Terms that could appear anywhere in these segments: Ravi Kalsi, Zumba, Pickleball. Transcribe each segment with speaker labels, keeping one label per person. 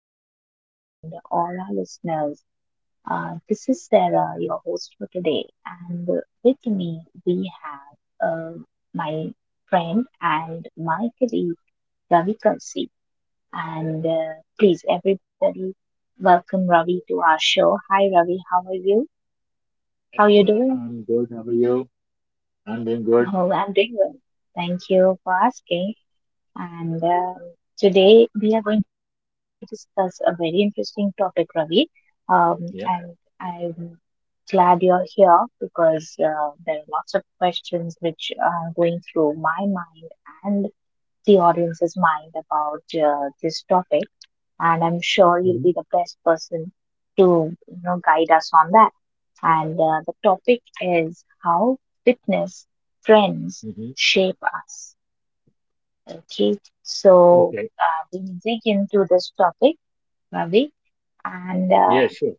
Speaker 1: friends and all our listeners. This is Sarah, your host for today, and with me we have my friend and my colleague Ravi Kalsi. And please, everybody, welcome Ravi to our show. Hi, Ravi, how are you? How
Speaker 2: Hello,
Speaker 1: are you
Speaker 2: Sarah.
Speaker 1: doing?
Speaker 2: I'm good. How are you? I'm doing good.
Speaker 1: Oh, I'm doing well. Thank you for asking. And Today we are going to discuss a very interesting topic, Ravi. And
Speaker 2: Yeah.
Speaker 1: I'm glad you're here because there are lots of questions which are going through my mind and the audience's mind about this topic. And I'm sure you'll
Speaker 2: hmm
Speaker 1: be the best person to you know guide us on that. And the topic is how fitness trends
Speaker 2: hmm
Speaker 1: shape us. Okay, so
Speaker 2: Okay.
Speaker 1: we dig into this topic, Ravi. And
Speaker 2: Yeah, sure.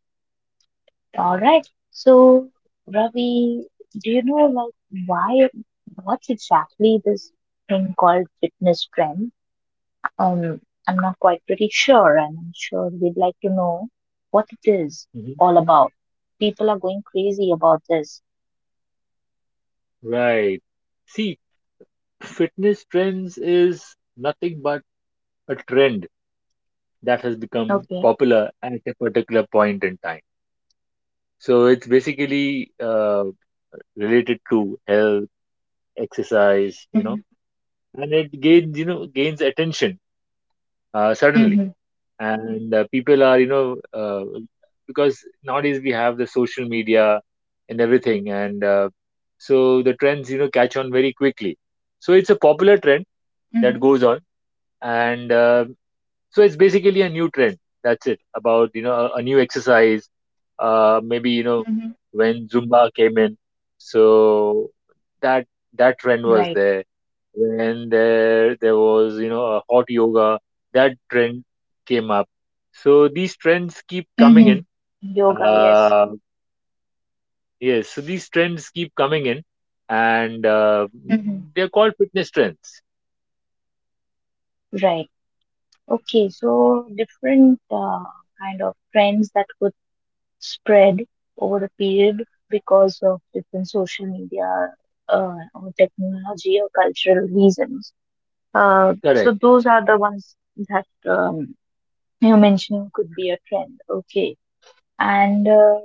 Speaker 1: all right, so Ravi, do you know like why, what's exactly this thing called fitness trend? Um, I'm not quite pretty sure, and I'm sure we'd like to know what it is
Speaker 2: hmm
Speaker 1: all about. People are going crazy about this.
Speaker 2: Right. See, fitness trends is nothing but a trend that has become
Speaker 1: Okay.
Speaker 2: popular at a particular point in time. So it's basically related to health, exercise, you know,
Speaker 1: Mm-hmm.
Speaker 2: and it gains attention suddenly,
Speaker 1: Mm-hmm.
Speaker 2: and people are because nowadays we have the social media and everything, and so the trends, you know, catch on very quickly, so it's a popular trend that
Speaker 1: Mm-hmm.
Speaker 2: goes on, and so it's basically a new trend that's it about, you know, a new exercise, maybe, you know,
Speaker 1: Mm-hmm.
Speaker 2: when Zumba came in, so that that trend was
Speaker 1: Right.
Speaker 2: there. When there was, you know, a hot yoga, that trend came up, so these trends keep coming
Speaker 1: Mm-hmm.
Speaker 2: in.
Speaker 1: Yoga, yes.
Speaker 2: uh yes, so these trends keep coming in, and
Speaker 1: Mm-hmm.
Speaker 2: they're called fitness trends.
Speaker 1: Right. Okay, so different kind of trends that could spread over a period because of different social media or technology or cultural reasons. So
Speaker 2: Correct.
Speaker 1: those are the ones that um, you mentioned could be a trend. Okay, and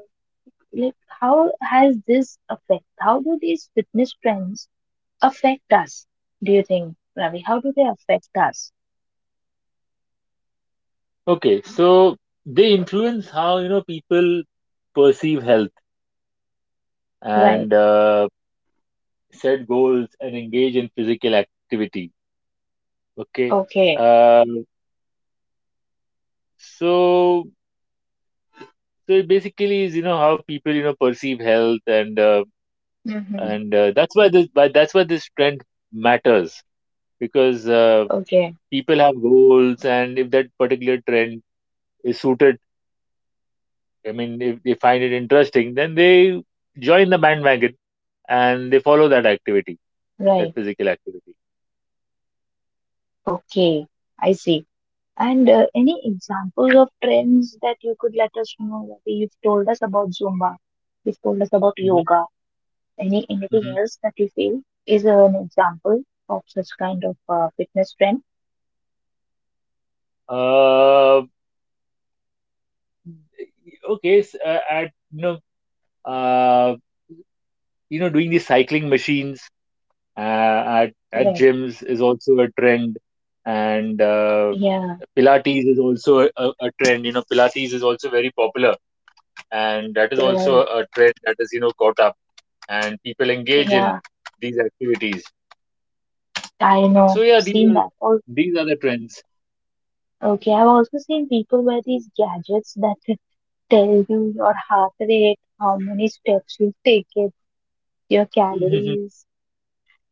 Speaker 1: like how has this affect? How do these fitness trends affect us? Do you think, Ravi? How do they affect us?
Speaker 2: Okay, so they influence how, you know, people perceive health and
Speaker 1: Right.
Speaker 2: uh, set goals and engage in physical activity. Okay,
Speaker 1: Okay.
Speaker 2: uh, so so it basically is, you know, how people, you know, perceive health and
Speaker 1: Mm-hmm.
Speaker 2: and that's why this trend matters, because
Speaker 1: Okay.
Speaker 2: people have goals, and if that particular trend is suited, I mean, if they find it interesting, then they join the bandwagon and they follow that activity,
Speaker 1: Right.
Speaker 2: that physical activity.
Speaker 1: Okay. I see. And any examples of trends that you could let us know? Like you've told us about Zumba. You've told us about
Speaker 2: hmm
Speaker 1: yoga. Any anything
Speaker 2: hmm
Speaker 1: else that you feel is an example of such kind of fitness trend?
Speaker 2: Uh, at, uh, you know, doing the cycling machines, uh, at at
Speaker 1: Correct.
Speaker 2: gyms is also a trend, and
Speaker 1: Yeah,
Speaker 2: Pilates is also a trend. You know, Pilates is also very popular, and that is also
Speaker 1: right.
Speaker 2: a trend that is, you know, caught up, and people engage in
Speaker 1: Yeah,
Speaker 2: these activities.
Speaker 1: I
Speaker 2: So
Speaker 1: know. I've
Speaker 2: yeah,
Speaker 1: seen that. Oh,
Speaker 2: these are the trends.
Speaker 1: okay. I've also seen people wear these gadgets that can tell you your heart rate, how many steps you've taken, your calories.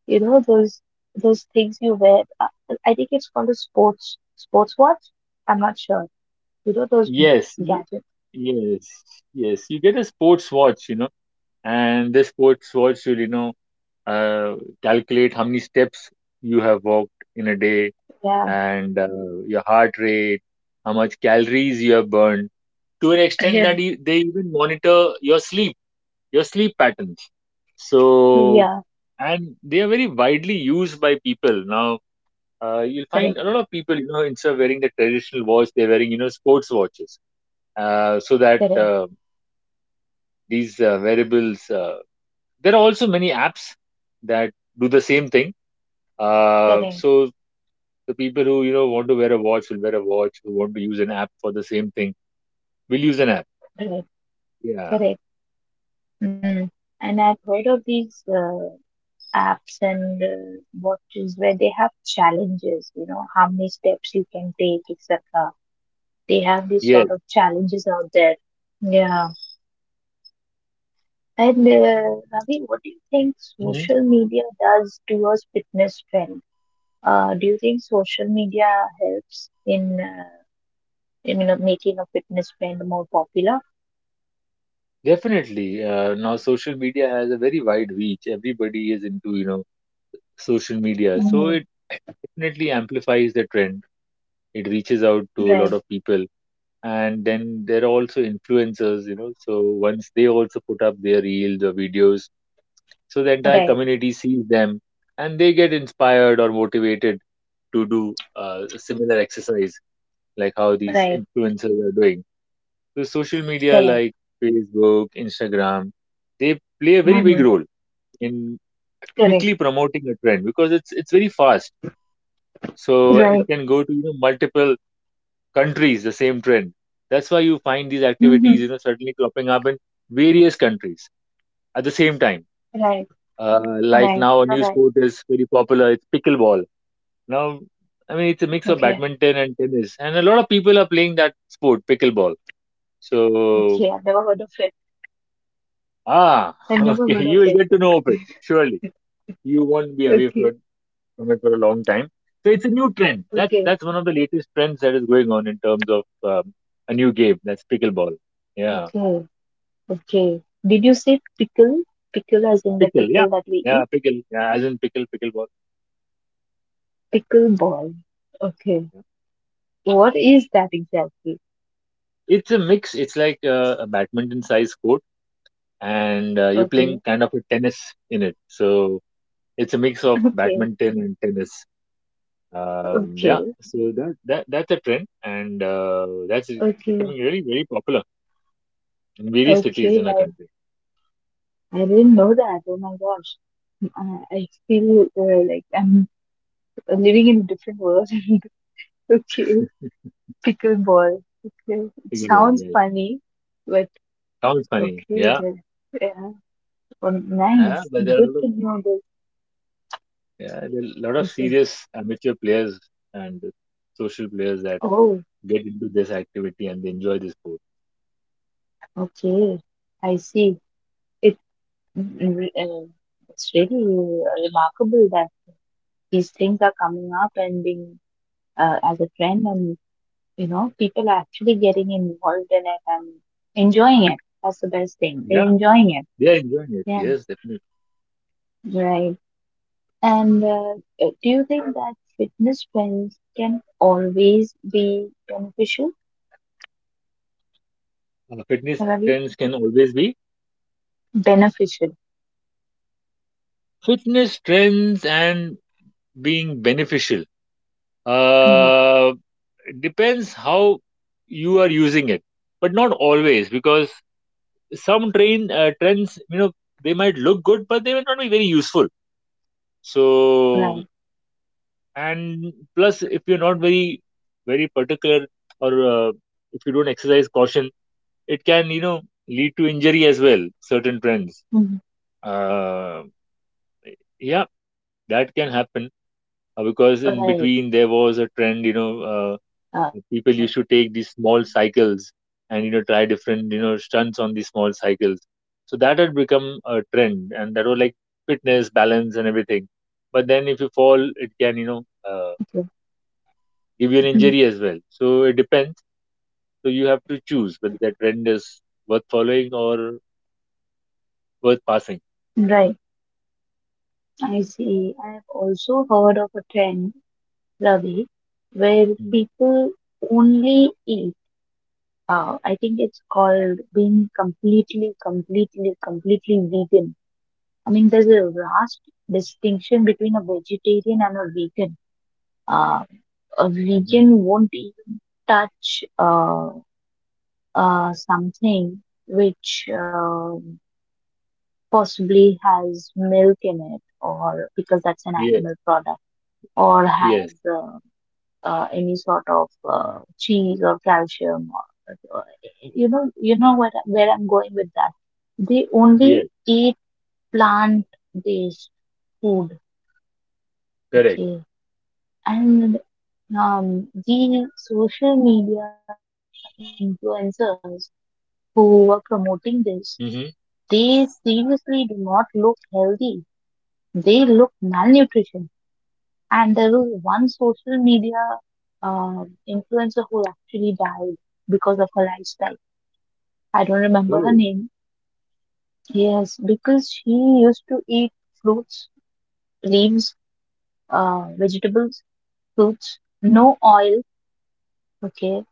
Speaker 1: You know those things you wear I think it's called a sports watch. I'm not sure. You know those
Speaker 2: Yes, you,
Speaker 1: gadgets.
Speaker 2: yes, yes. You get a sports watch, you know, and this sports watch will, you know, uh, calculate how many steps you have walked in a day,
Speaker 1: Yeah.
Speaker 2: and your heart rate, how much calories you have burned, to an extent
Speaker 1: Yeah.
Speaker 2: that you, they even monitor your sleep patterns. So,
Speaker 1: Yeah,
Speaker 2: and they are very widely used by people. Now, you'll find a
Speaker 1: correct,
Speaker 2: lot of people, you know, instead of wearing the traditional watch, they're wearing, you know, sports watches, so that
Speaker 1: correct,
Speaker 2: these variables, there are also many apps that do the same thing,
Speaker 1: correct,
Speaker 2: so the people who, you know, want to wear a watch will wear a watch, who want to use an app for the same thing will use an app.
Speaker 1: correct,
Speaker 2: Yeah.
Speaker 1: correct, mm. And I've heard of these apps and watches where they have challenges, you know, how many steps you can take, etc. They have these
Speaker 2: Yes.
Speaker 1: sort of challenges out there. Yeah. And Ravi, what do you think
Speaker 2: hmm
Speaker 1: social media does to your fitness trend? Do you think social media helps in you know making a fitness trend more popular?
Speaker 2: Definitely. Now social media has a very wide reach, everybody is into, you know, social media, so
Speaker 1: Hmm,
Speaker 2: it definitely amplifies the trend, it reaches out to a lot
Speaker 1: right,
Speaker 2: of people, and then there are also influencers, you know, so once they also put up their reels or videos, so the entire
Speaker 1: right,
Speaker 2: community sees them and they get inspired or motivated to do a similar exercise like how these
Speaker 1: right,
Speaker 2: influencers are doing. So social media
Speaker 1: correct,
Speaker 2: like Facebook, Instagram, they play a very big
Speaker 1: hmm,
Speaker 2: role in
Speaker 1: correct,
Speaker 2: quickly promoting a trend, because it's very fast, so it
Speaker 1: right,
Speaker 2: can go to, you know, multiple countries, the same trend. That's why you find these activities,
Speaker 1: hmm,
Speaker 2: you know, suddenly cropping up in various countries at the same time.
Speaker 1: right,
Speaker 2: Like
Speaker 1: right,
Speaker 2: now a
Speaker 1: you're
Speaker 2: new
Speaker 1: right.
Speaker 2: sport is very popular, it's pickleball. Now, I mean, it's a mix of
Speaker 1: Okay,
Speaker 2: badminton and tennis, and a lot of people are playing that sport, pickleball. So
Speaker 1: okay, I've never heard of it.
Speaker 2: ah
Speaker 1: I've never
Speaker 2: okay,
Speaker 1: heard
Speaker 2: you
Speaker 1: of
Speaker 2: will
Speaker 1: it.
Speaker 2: get to know of it surely. You won't be away
Speaker 1: Okay,
Speaker 2: from it for a long time. So it's a new trend,
Speaker 1: okay,
Speaker 2: that's one of the latest trends that is going on in terms of, um, a new game, that's pickleball. Yeah.
Speaker 1: okay, okay. Did you say pickle? Pickle as in the
Speaker 2: Pickle, yeah.
Speaker 1: pickle that we
Speaker 2: Yeah,
Speaker 1: eat?
Speaker 2: pickle. Yeah, as in pickle, pickleball.
Speaker 1: Pickleball. Okay.
Speaker 2: Yeah.
Speaker 1: What is that exactly?
Speaker 2: It's a mix. It's like a badminton size court, and you're
Speaker 1: Okay.
Speaker 2: playing kind of a tennis in it. So it's a mix of
Speaker 1: Okay.
Speaker 2: badminton and tennis. Yeah,
Speaker 1: Okay.
Speaker 2: so that, that's a trend, and that's
Speaker 1: Okay.
Speaker 2: becoming really very popular in various cities
Speaker 1: Okay.
Speaker 2: in our
Speaker 1: I,
Speaker 2: country.
Speaker 1: I didn't know that. Oh my gosh. I feel like I'm living in a different world. Okay. Pickleball. Okay. It
Speaker 2: Pickleball,
Speaker 1: sounds
Speaker 2: yeah.
Speaker 1: funny, but
Speaker 2: Sounds funny,
Speaker 1: okay.
Speaker 2: yeah.
Speaker 1: That, yeah. Oh,
Speaker 2: Yeah,
Speaker 1: nice.
Speaker 2: but there are a
Speaker 1: Good
Speaker 2: lot of,
Speaker 1: to know this.
Speaker 2: yeah, there are a lot of
Speaker 1: Okay.
Speaker 2: serious amateur players and social players that
Speaker 1: Oh,
Speaker 2: get into this activity and they enjoy this sport.
Speaker 1: okay. I see. It, mm, mm, it's really remarkable that these things are coming up and being as a trend and you know people are actually getting involved in it and enjoying it. That's the best thing, they're
Speaker 2: Yeah,
Speaker 1: enjoying it.
Speaker 2: they are enjoying it.
Speaker 1: Yeah,
Speaker 2: Yes, definitely.
Speaker 1: right. And do you think that fitness trends can always be beneficial,
Speaker 2: Fitness
Speaker 1: Ravi?
Speaker 2: trends can always be
Speaker 1: Beneficial.
Speaker 2: fitness trends and being beneficial.
Speaker 1: Mhm.
Speaker 2: Uh, it depends how you are using it, but not always, because some train trends, you know, they might look good, but they may not be very useful. So,
Speaker 1: Right.
Speaker 2: and plus, if you're not very, very particular, or uh, if you don't exercise caution, it can, you know, lead
Speaker 1: Mhm.
Speaker 2: to injury as well, certain trends, uh,
Speaker 1: Right.
Speaker 2: yeah, that can happen.
Speaker 1: uh,
Speaker 2: Because in between there was a trend, you know, people used to take these small cycles and, you know, try different, you know,
Speaker 1: mhm.
Speaker 2: stunts on these small cycles, so that had become a
Speaker 1: Okay.
Speaker 2: trend, and that was like fitness balance and everything. But then if you fall, it can, you know,
Speaker 1: Mhm.
Speaker 2: give you an injury as well, so it depends. So you have to choose whether that trend is worth following or worth passing.
Speaker 1: Right. I see. I have also heard of a trend, Ravi, where people only eat. I think it's called being completely vegan. I mean, there's a vast distinction between a vegetarian and a vegan. Uh, a
Speaker 2: Mm-hmm.
Speaker 1: vegan won't even touch something which possibly has milk in it, or because that's an
Speaker 2: Yes,
Speaker 1: animal product, or
Speaker 2: yes,
Speaker 1: has any sort of cheese or calcium, or you know what where I'm going with that. They only
Speaker 2: yes,
Speaker 1: eat plant based food.
Speaker 2: correct.
Speaker 1: Okay. And the social media influencers who are promoting this, they
Speaker 2: Mm-hmm.
Speaker 1: seriously do not look healthy. They look malnutrition. And there was one social media influencer who actually died because of her lifestyle. I don't remember her
Speaker 2: Oh,
Speaker 1: name. Yes, because she used to eat fruits, leaves, vegetables, fruits, no oil, okay,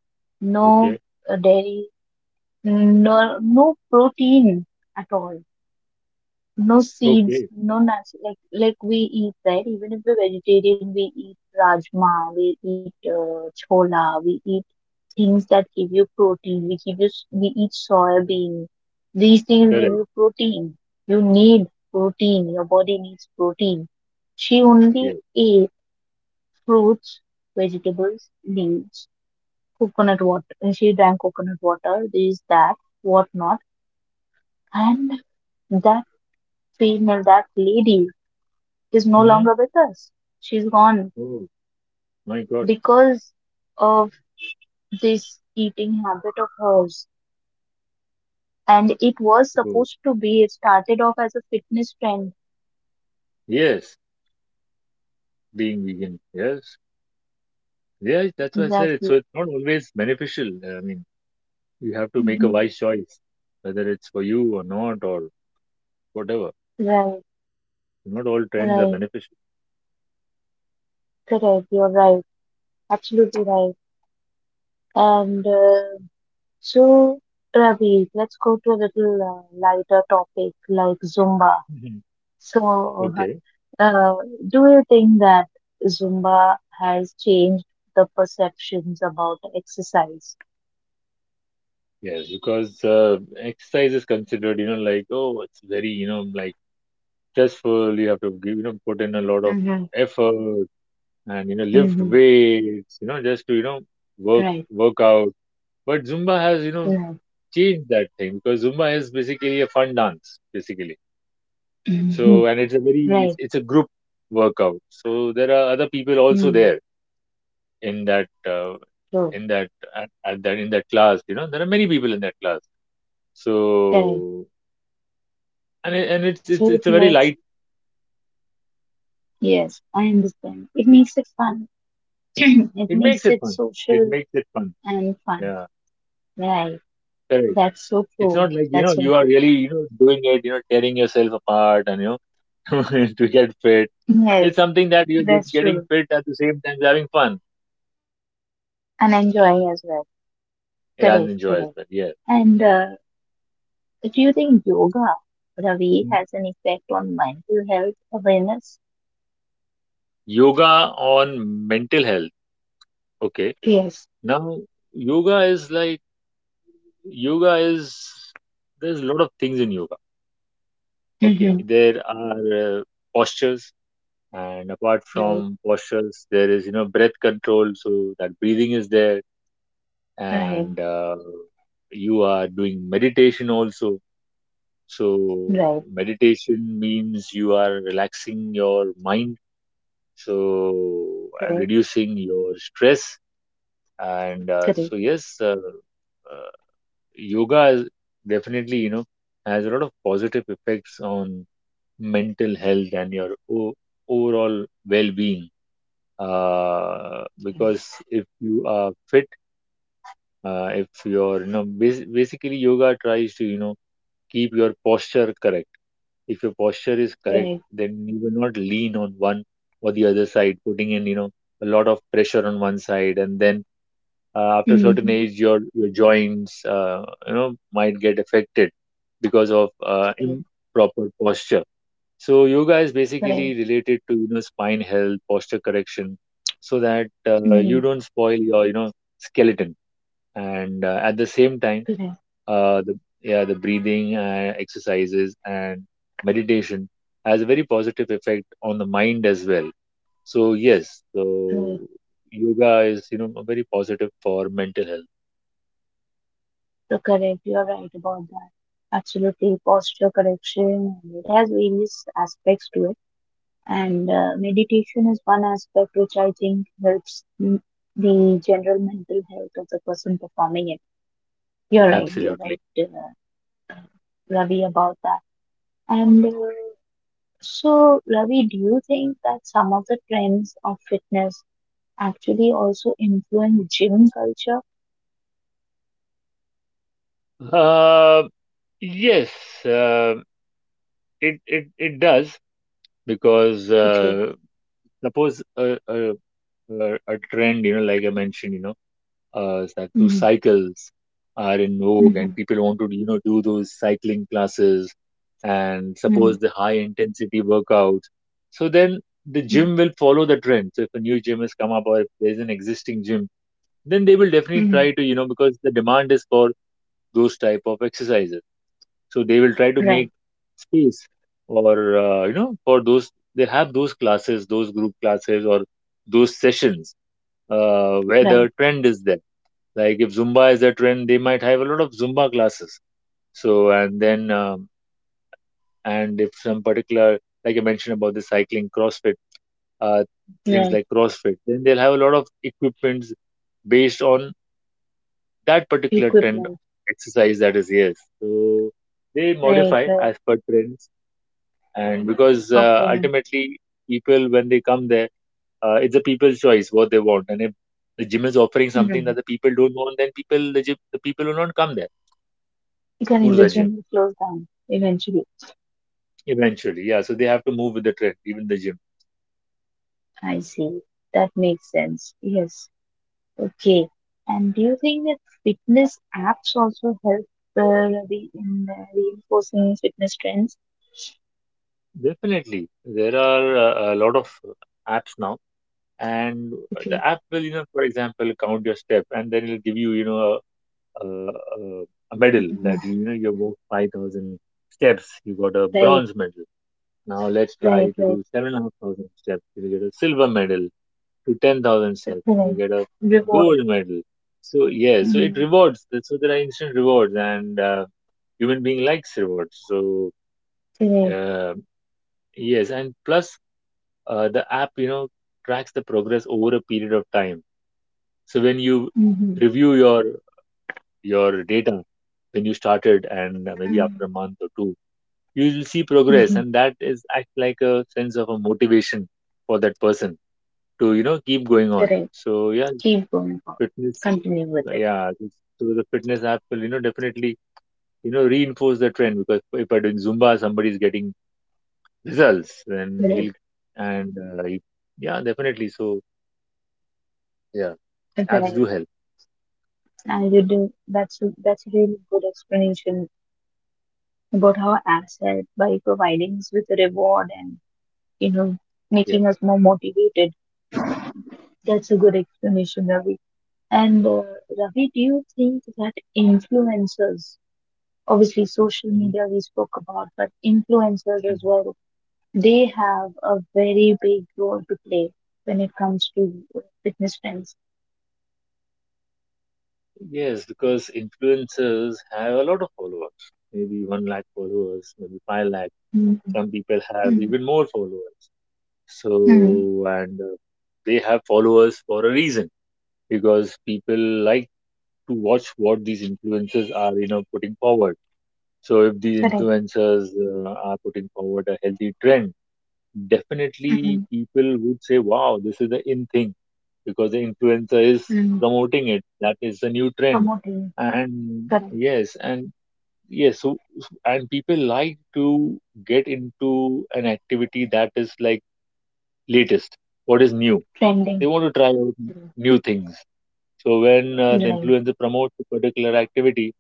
Speaker 1: no
Speaker 2: okay,
Speaker 1: dairy, no protein at all, no seeds,
Speaker 2: okay,
Speaker 1: no nuts. Like we eat, right? Even if we're vegetarian, we eat rajma, we eat chola, we eat things that give you protein. We give you s- we eat soybean. These things give
Speaker 2: correct.
Speaker 1: you protein. You need protein. Your body needs protein. She only
Speaker 2: Yes.
Speaker 1: ate fruits, vegetables, leaves, coconut water, and she drank coconut water. This, that, whatnot, and that female, that lady is no
Speaker 2: Mm-hmm.
Speaker 1: longer with us. She's gone
Speaker 2: Oh, my God.
Speaker 1: because of this eating habit of hers, and it was
Speaker 2: Oh,
Speaker 1: supposed to be, it started off as a fitness trend.
Speaker 2: yes, being vegan. Yes, yes, that's why I said it. So
Speaker 1: Exactly.
Speaker 2: it's not always beneficial. I mean, you have to make a
Speaker 1: Hmm.
Speaker 2: wise choice, whether it's for you or not, or whatever.
Speaker 1: Right,
Speaker 2: Not all trends are
Speaker 1: right,
Speaker 2: beneficial.
Speaker 1: correct. You're right, absolutely right. And so, Ravi, let's go to a little lighter topic like Zumba.
Speaker 2: hmm
Speaker 1: So,
Speaker 2: Okay,
Speaker 1: uh, do you think that Zumba has changed the perceptions about exercise?
Speaker 2: yes, because exercise is considered, you know, like, oh, it's very, you know, like stressful. You have to give, you know, put in a lot of
Speaker 1: Mm-hmm.
Speaker 2: effort, and, you know, lift
Speaker 1: Mm-hmm.
Speaker 2: weights, you know, just to, you know, work
Speaker 1: Right.
Speaker 2: work out. But Zumba has, you know,
Speaker 1: Right,
Speaker 2: changed that thing, because Zumba is basically a fun dance basically. So,
Speaker 1: mhm,
Speaker 2: and it's a very
Speaker 1: right,
Speaker 2: it's a group workout, so there are other people also
Speaker 1: mm,
Speaker 2: there in that uh,
Speaker 1: true,
Speaker 2: in that at that in that class, you know, there are many people in that class.
Speaker 1: correct.
Speaker 2: So and it, and
Speaker 1: So it
Speaker 2: it's a very
Speaker 1: makes,
Speaker 2: light,
Speaker 1: yes, I understand. It makes it fun. It
Speaker 2: it makes
Speaker 1: makes
Speaker 2: it
Speaker 1: it
Speaker 2: fun, it
Speaker 1: social
Speaker 2: makes it fun,
Speaker 1: and fun.
Speaker 2: yeah,
Speaker 1: Right.
Speaker 2: correct.
Speaker 1: That's so
Speaker 2: It's
Speaker 1: true.
Speaker 2: not like, you know,
Speaker 1: That's so
Speaker 2: you are
Speaker 1: true.
Speaker 2: really, you know, doing it, you know, tearing yourself apart and, you know, to get fit. It's
Speaker 1: Yes,
Speaker 2: something that you're
Speaker 1: that's
Speaker 2: getting
Speaker 1: true.
Speaker 2: fit at the same time you having fun
Speaker 1: And enjoying as well. Correct, correct.
Speaker 2: and
Speaker 1: And
Speaker 2: enjoy as well. Yes.
Speaker 1: do you think yoga, Ravi, has an
Speaker 2: Mm.
Speaker 1: effect on mental health awareness?
Speaker 2: Yoga on mental health. Okay.
Speaker 1: Yes.
Speaker 2: Now, yoga is like, yoga is, there's a lot of things in yoga. Okay.
Speaker 1: Mm-hmm.
Speaker 2: There are postures. And apart
Speaker 1: Right,
Speaker 2: from postures, there is, you know, breath control. So that breathing is there,
Speaker 1: right,
Speaker 2: and you are doing meditation also. So,
Speaker 1: right.
Speaker 2: meditation means you are relaxing your mind, so
Speaker 1: Correct,
Speaker 2: reducing your stress. And
Speaker 1: correct.
Speaker 2: so, yes, uh, yoga is definitely, you know, has a lot of positive effects on mental health and your overall well being. Because if you are fit, if you're, you know, basically yoga tries to, you know, keep your posture correct. If your posture is correct,
Speaker 1: Right.
Speaker 2: then you will not lean on one or the other side, putting in, you know, a lot of pressure on one side, and then after a certain
Speaker 1: Mm-hmm.
Speaker 2: age, your joints you know, might get affected because of
Speaker 1: Correct,
Speaker 2: improper posture. So yoga is basically
Speaker 1: correct.
Speaker 2: related to, you know, spine health, posture correction, so that you
Speaker 1: Mm-hmm.
Speaker 2: don't spoil your, you know, skeleton. And at the same time,
Speaker 1: Correct,
Speaker 2: the yeah, the breathing exercises and meditation has a very positive effect on the mind as well. So yes, so
Speaker 1: right.
Speaker 2: yoga is, you know, very positive for mental health.
Speaker 1: So correct, you are right about that. Absolutely, posture correction. And it has various aspects to it, and meditation is one aspect which I think helps m- the general mental health of the person performing it. You're right. You're
Speaker 2: Absolutely.
Speaker 1: right, Ravi, about that. And so, Ravi, do you think that some of the trends of fitness actually also influence gym culture?
Speaker 2: uh, yes, uh, it does, because
Speaker 1: Okay.
Speaker 2: suppose a trend, you know, like I mentioned, you know, that those
Speaker 1: Mm-hmm.
Speaker 2: cycles are in vogue, and
Speaker 1: Mm-hmm.
Speaker 2: people want to, you know, do those cycling classes, and
Speaker 1: Mm-hmm.
Speaker 2: suppose the high intensity workouts, so then the gym will follow the trend. So if a new gym has come up, or if there's an existing gym, then they will definitely
Speaker 1: Mm-hmm.
Speaker 2: try to, you know, because the demand is for those type of exercises, so they will try to make
Speaker 1: Right.
Speaker 2: space, or you know, for those, they have those classes, those group classes or those sessions where the
Speaker 1: Right.
Speaker 2: trend is there. Like if Zumba is a trend, they might have a lot of Zumba classes. So and then, and if some particular, like I mentioned about the cycling, crossfit, uh, things
Speaker 1: Right.
Speaker 2: like crossfit, then they'll have a lot of equipments based on that particular trend,
Speaker 1: Equipment.
Speaker 2: exercise, that is. Yes, so they
Speaker 1: Right,
Speaker 2: modify
Speaker 1: right.
Speaker 2: as per trends, and because
Speaker 1: Okay.
Speaker 2: ultimately, people when they come there, it's A people's choice what they want, and if the gym is offering something that
Speaker 1: Mm.
Speaker 2: the people don't want, then the people will not come there, go
Speaker 1: Becoming
Speaker 2: to
Speaker 1: the
Speaker 2: the gym.
Speaker 1: gym slows down eventually.
Speaker 2: Eventually, yeah. So they have to move with the trend, even the gym.
Speaker 1: I see. That makes sense. Yes. Okay. And do you think that fitness apps also help the in reinforcing fitness trends?
Speaker 2: Definitely, there are a lot of apps now, and
Speaker 1: Okay.
Speaker 2: the app will, you know, for example, count your step, and then it'll give you, you know, a, a, a medal
Speaker 1: Hmm,
Speaker 2: that you know you walked 5,000 steps, you got a
Speaker 1: right,
Speaker 2: bronze medal. Now let's try
Speaker 1: right,
Speaker 2: to
Speaker 1: right.
Speaker 2: do 7,500 steps, you get a silver medal. To 10,000 steps, and you
Speaker 1: Correct.
Speaker 2: get a
Speaker 1: Reward.
Speaker 2: gold medal. So yeah, so it
Speaker 1: Mm-hmm.
Speaker 2: rewards. So there are instant rewards, and human being likes rewards. So
Speaker 1: Correct.
Speaker 2: Uh, yes, and plus the app, you know, tracks the progress over a period of time. So when you
Speaker 1: Mm-hmm.
Speaker 2: review your data when you started, and
Speaker 1: Mm-hmm.
Speaker 2: maybe after a month or two, you will see
Speaker 1: Mm-hmm.
Speaker 2: progress, and that is act like a sense of a motivation for that person to you know keep going on.
Speaker 1: Correct.
Speaker 2: So yeah,
Speaker 1: Keep going on.
Speaker 2: fitness,
Speaker 1: Continue with it.
Speaker 2: yeah, so the fitness app will you know definitely you know reinforce the trend, because if I doing Zumba, somebody is getting results and
Speaker 1: Right.
Speaker 2: he'll and yeah, definitely, so yeah, apps
Speaker 1: Right.
Speaker 2: do help.
Speaker 1: And you do that's a really good explanation about how apps help by providing us with a reward and you know
Speaker 2: Yeah.
Speaker 1: making us more motivated. That's a good explanation, Ravi. And Ravi, do you think that influencers, obviously social
Speaker 2: Mhm.
Speaker 1: media we spoke about, but influencers as
Speaker 2: Mhm.
Speaker 1: well, they have a very big role to play when it comes to fitness trends.
Speaker 2: Yes, because influencers have a lot of followers, maybe 1 lakh followers, maybe 5 lakh,
Speaker 1: Mm-hmm.
Speaker 2: some people have even more followers. So
Speaker 1: Hmm.
Speaker 2: and they have followers for a reason, because people like to watch what these influencers are you know putting forward. So if these
Speaker 1: Correct.
Speaker 2: influencers are putting forward a healthy trend, definitely
Speaker 1: Mm-hmm.
Speaker 2: people would say, wow, this is the in thing, because the influencer is
Speaker 1: Mm-hmm.
Speaker 2: promoting it. That is the new trend.
Speaker 1: Promoting.
Speaker 2: And
Speaker 1: Correct.
Speaker 2: yes, and and people like to get into an activity that is like latest, what is new. They
Speaker 1: Trending.
Speaker 2: want to try out new things. So when the
Speaker 1: Right.
Speaker 2: influencer promotes a particular activity,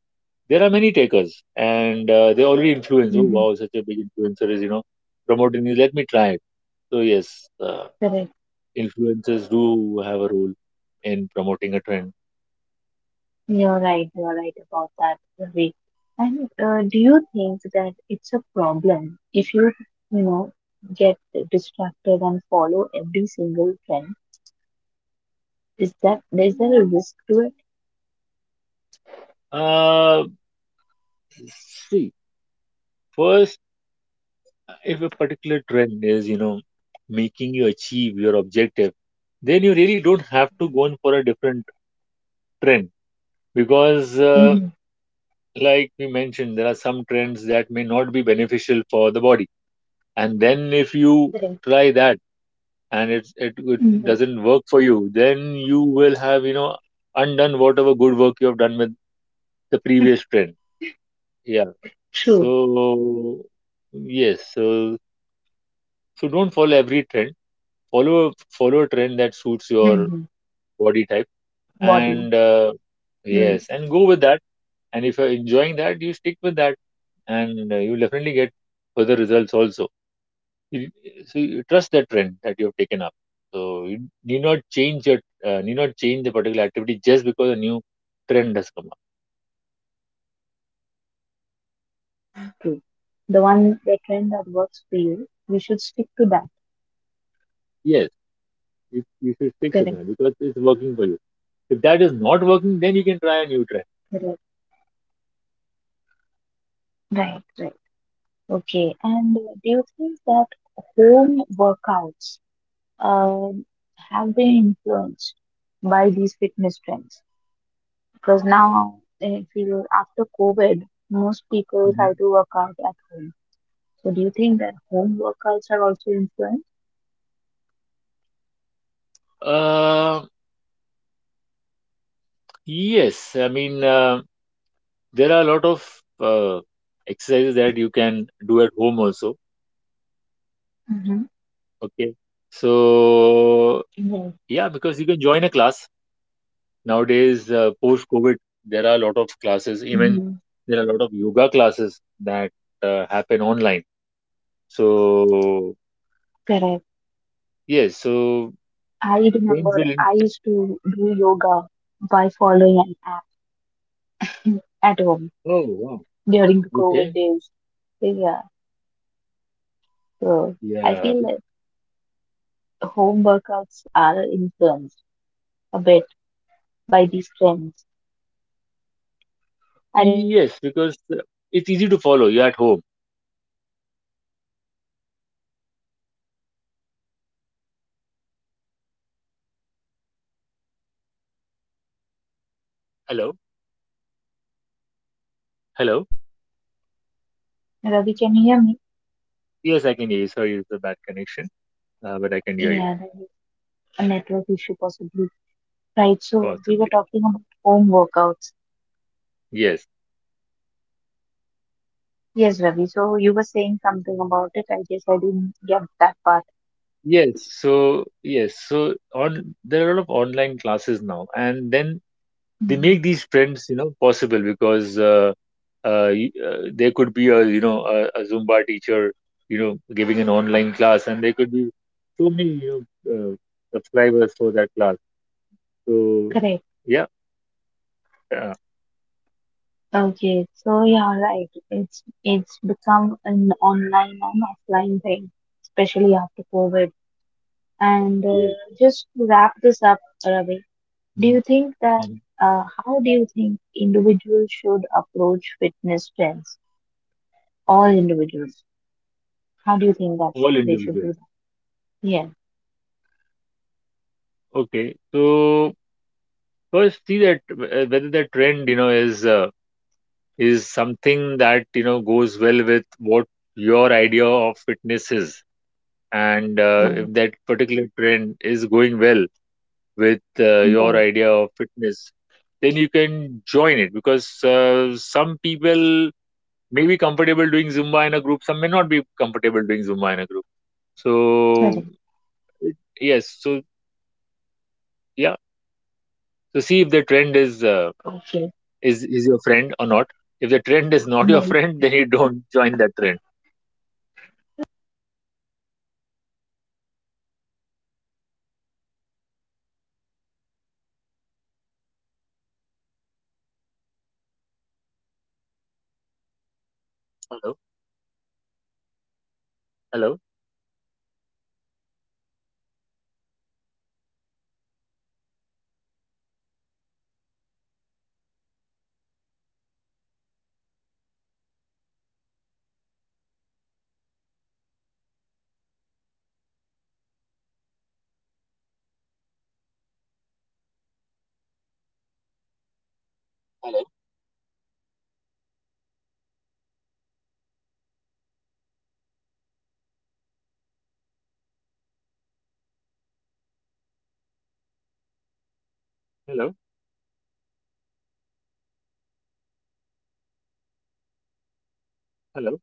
Speaker 2: there are many takers, and they already influence. Oh,
Speaker 1: Mm-hmm.
Speaker 2: wow, such a big influencer is, you know, promoting this. Let me try it. So yes,
Speaker 1: Correct.
Speaker 2: influencers do have a role in promoting a trend.
Speaker 1: You're right. You're right about that, Ravi. And do you think that it's a problem if you, you know, get distracted and follow every single trend? Is that is there a risk to it?
Speaker 2: Uh, see, first, if a particular trend is, you know, making you achieve your objective, then you really don't have to go in for a different trend, because,
Speaker 1: Hmm.
Speaker 2: like we mentioned, there are some trends that may not be beneficial for the body. And then if you
Speaker 1: Correct.
Speaker 2: try that and it
Speaker 1: Mm-hmm.
Speaker 2: doesn't work for you, then you will have, you know, undone whatever good work you have done with the previous trend. Yeah.
Speaker 1: True.
Speaker 2: So yes, so so don't follow every trend. Follow a trend that suits your
Speaker 1: Mm-hmm.
Speaker 2: body type, and
Speaker 1: Body.
Speaker 2: yes,
Speaker 1: Mm.
Speaker 2: and go with that. And if you're enjoying that, you stick with that, and you definitely get further results also. You- So you trust the trend that you have
Speaker 1: Correct.
Speaker 2: taken up. So you need not change your need not change the particular activity
Speaker 1: Correct.
Speaker 2: just because a new
Speaker 1: The
Speaker 2: trend
Speaker 1: one
Speaker 2: has
Speaker 1: that
Speaker 2: come up.
Speaker 1: works for you is the one you should go with. That's true. The one, the trend that works for you, you should stick to that.
Speaker 2: Yes. You should stick to that because it's working for you. If that is not working, then you can try a new track.
Speaker 1: Right, right. Okay. And do you think that home workouts um, have been influenced by these fitness trends? Because now, I feel after COVID, most people
Speaker 2: Hmm.
Speaker 1: try to work out at home. So, do you think that home workouts are also influenced?
Speaker 2: Uh, yes, I mean, there are a lot of uh, exercises that you can do at home also.
Speaker 1: Mm-hmm.
Speaker 2: Okay. So,
Speaker 1: Right.
Speaker 2: yeah, because you can join a class. Nowadays, post-COVID, there are a lot of classes,
Speaker 1: Mm-hmm.
Speaker 2: even there are a lot of yoga classes that happen online. So,
Speaker 1: Correct.
Speaker 2: yes, so
Speaker 1: I remember
Speaker 2: friends
Speaker 1: I
Speaker 2: will. In-
Speaker 1: used to do yoga by following an app at home
Speaker 2: Oh, wow.
Speaker 1: during the COVID
Speaker 2: Okay.
Speaker 1: days. So, yeah. So I
Speaker 2: Yeah.
Speaker 1: feel like home workouts are influenced a bit by these trends. I remember
Speaker 2: Yes,
Speaker 1: it was
Speaker 2: because
Speaker 1: COVID.
Speaker 2: it's easy to follow. You're at home.
Speaker 1: Hello, Ravi. Can you hear me? Hello. Can you hear me?
Speaker 2: Hello?
Speaker 1: Ravi?
Speaker 2: Hello?
Speaker 1: Ravi, can you hear me?
Speaker 2: Yes, I can hear you. Sorry, it's a bad connection, but I can hear you,
Speaker 1: Yeah, there is a network issue possibly. Right. So we were
Speaker 2: possibly.
Speaker 1: talking about home workouts.
Speaker 2: Yes.
Speaker 1: Yes, Ravi. So you were saying something about it. I guess I didn't get that part.
Speaker 2: Yes. So, yes. So, on there are a lot of online classes now, and then they
Speaker 1: Mhm.
Speaker 2: make these trends, you know, possible because there could be a, you know, a Zumba teacher, you know, giving an online class, and there could be so many, you know, subscribers for that class. So,
Speaker 1: Correct.
Speaker 2: yeah. Uh,
Speaker 1: Okay, so yeah, right. It's become an online and offline thing, especially after COVID. And
Speaker 2: yes.
Speaker 1: just to wrap this up, Ravi, do
Speaker 2: Mhm.
Speaker 1: you think that how do you think individuals should approach fitness trends? All individuals, how do you think that sh-
Speaker 2: All
Speaker 1: they should do
Speaker 2: individual,
Speaker 1: that? Yeah,
Speaker 2: okay, so first see that whether the trend you know is something that you know goes well with what your idea of fitness is. And
Speaker 1: right,
Speaker 2: if that particular trend is going well with your
Speaker 1: right,
Speaker 2: idea of fitness, then you can join it, because some people may be comfortable doing Zumba in a group, some may not be comfortable doing Zumba in a group. So
Speaker 1: right.
Speaker 2: yes, so yeah, so see if the trend is
Speaker 1: Okay,
Speaker 2: is your friend or not. If the trend is not your
Speaker 1: right.
Speaker 2: friend, then you don't join that trend. Hello, hello, hello, hello, hello.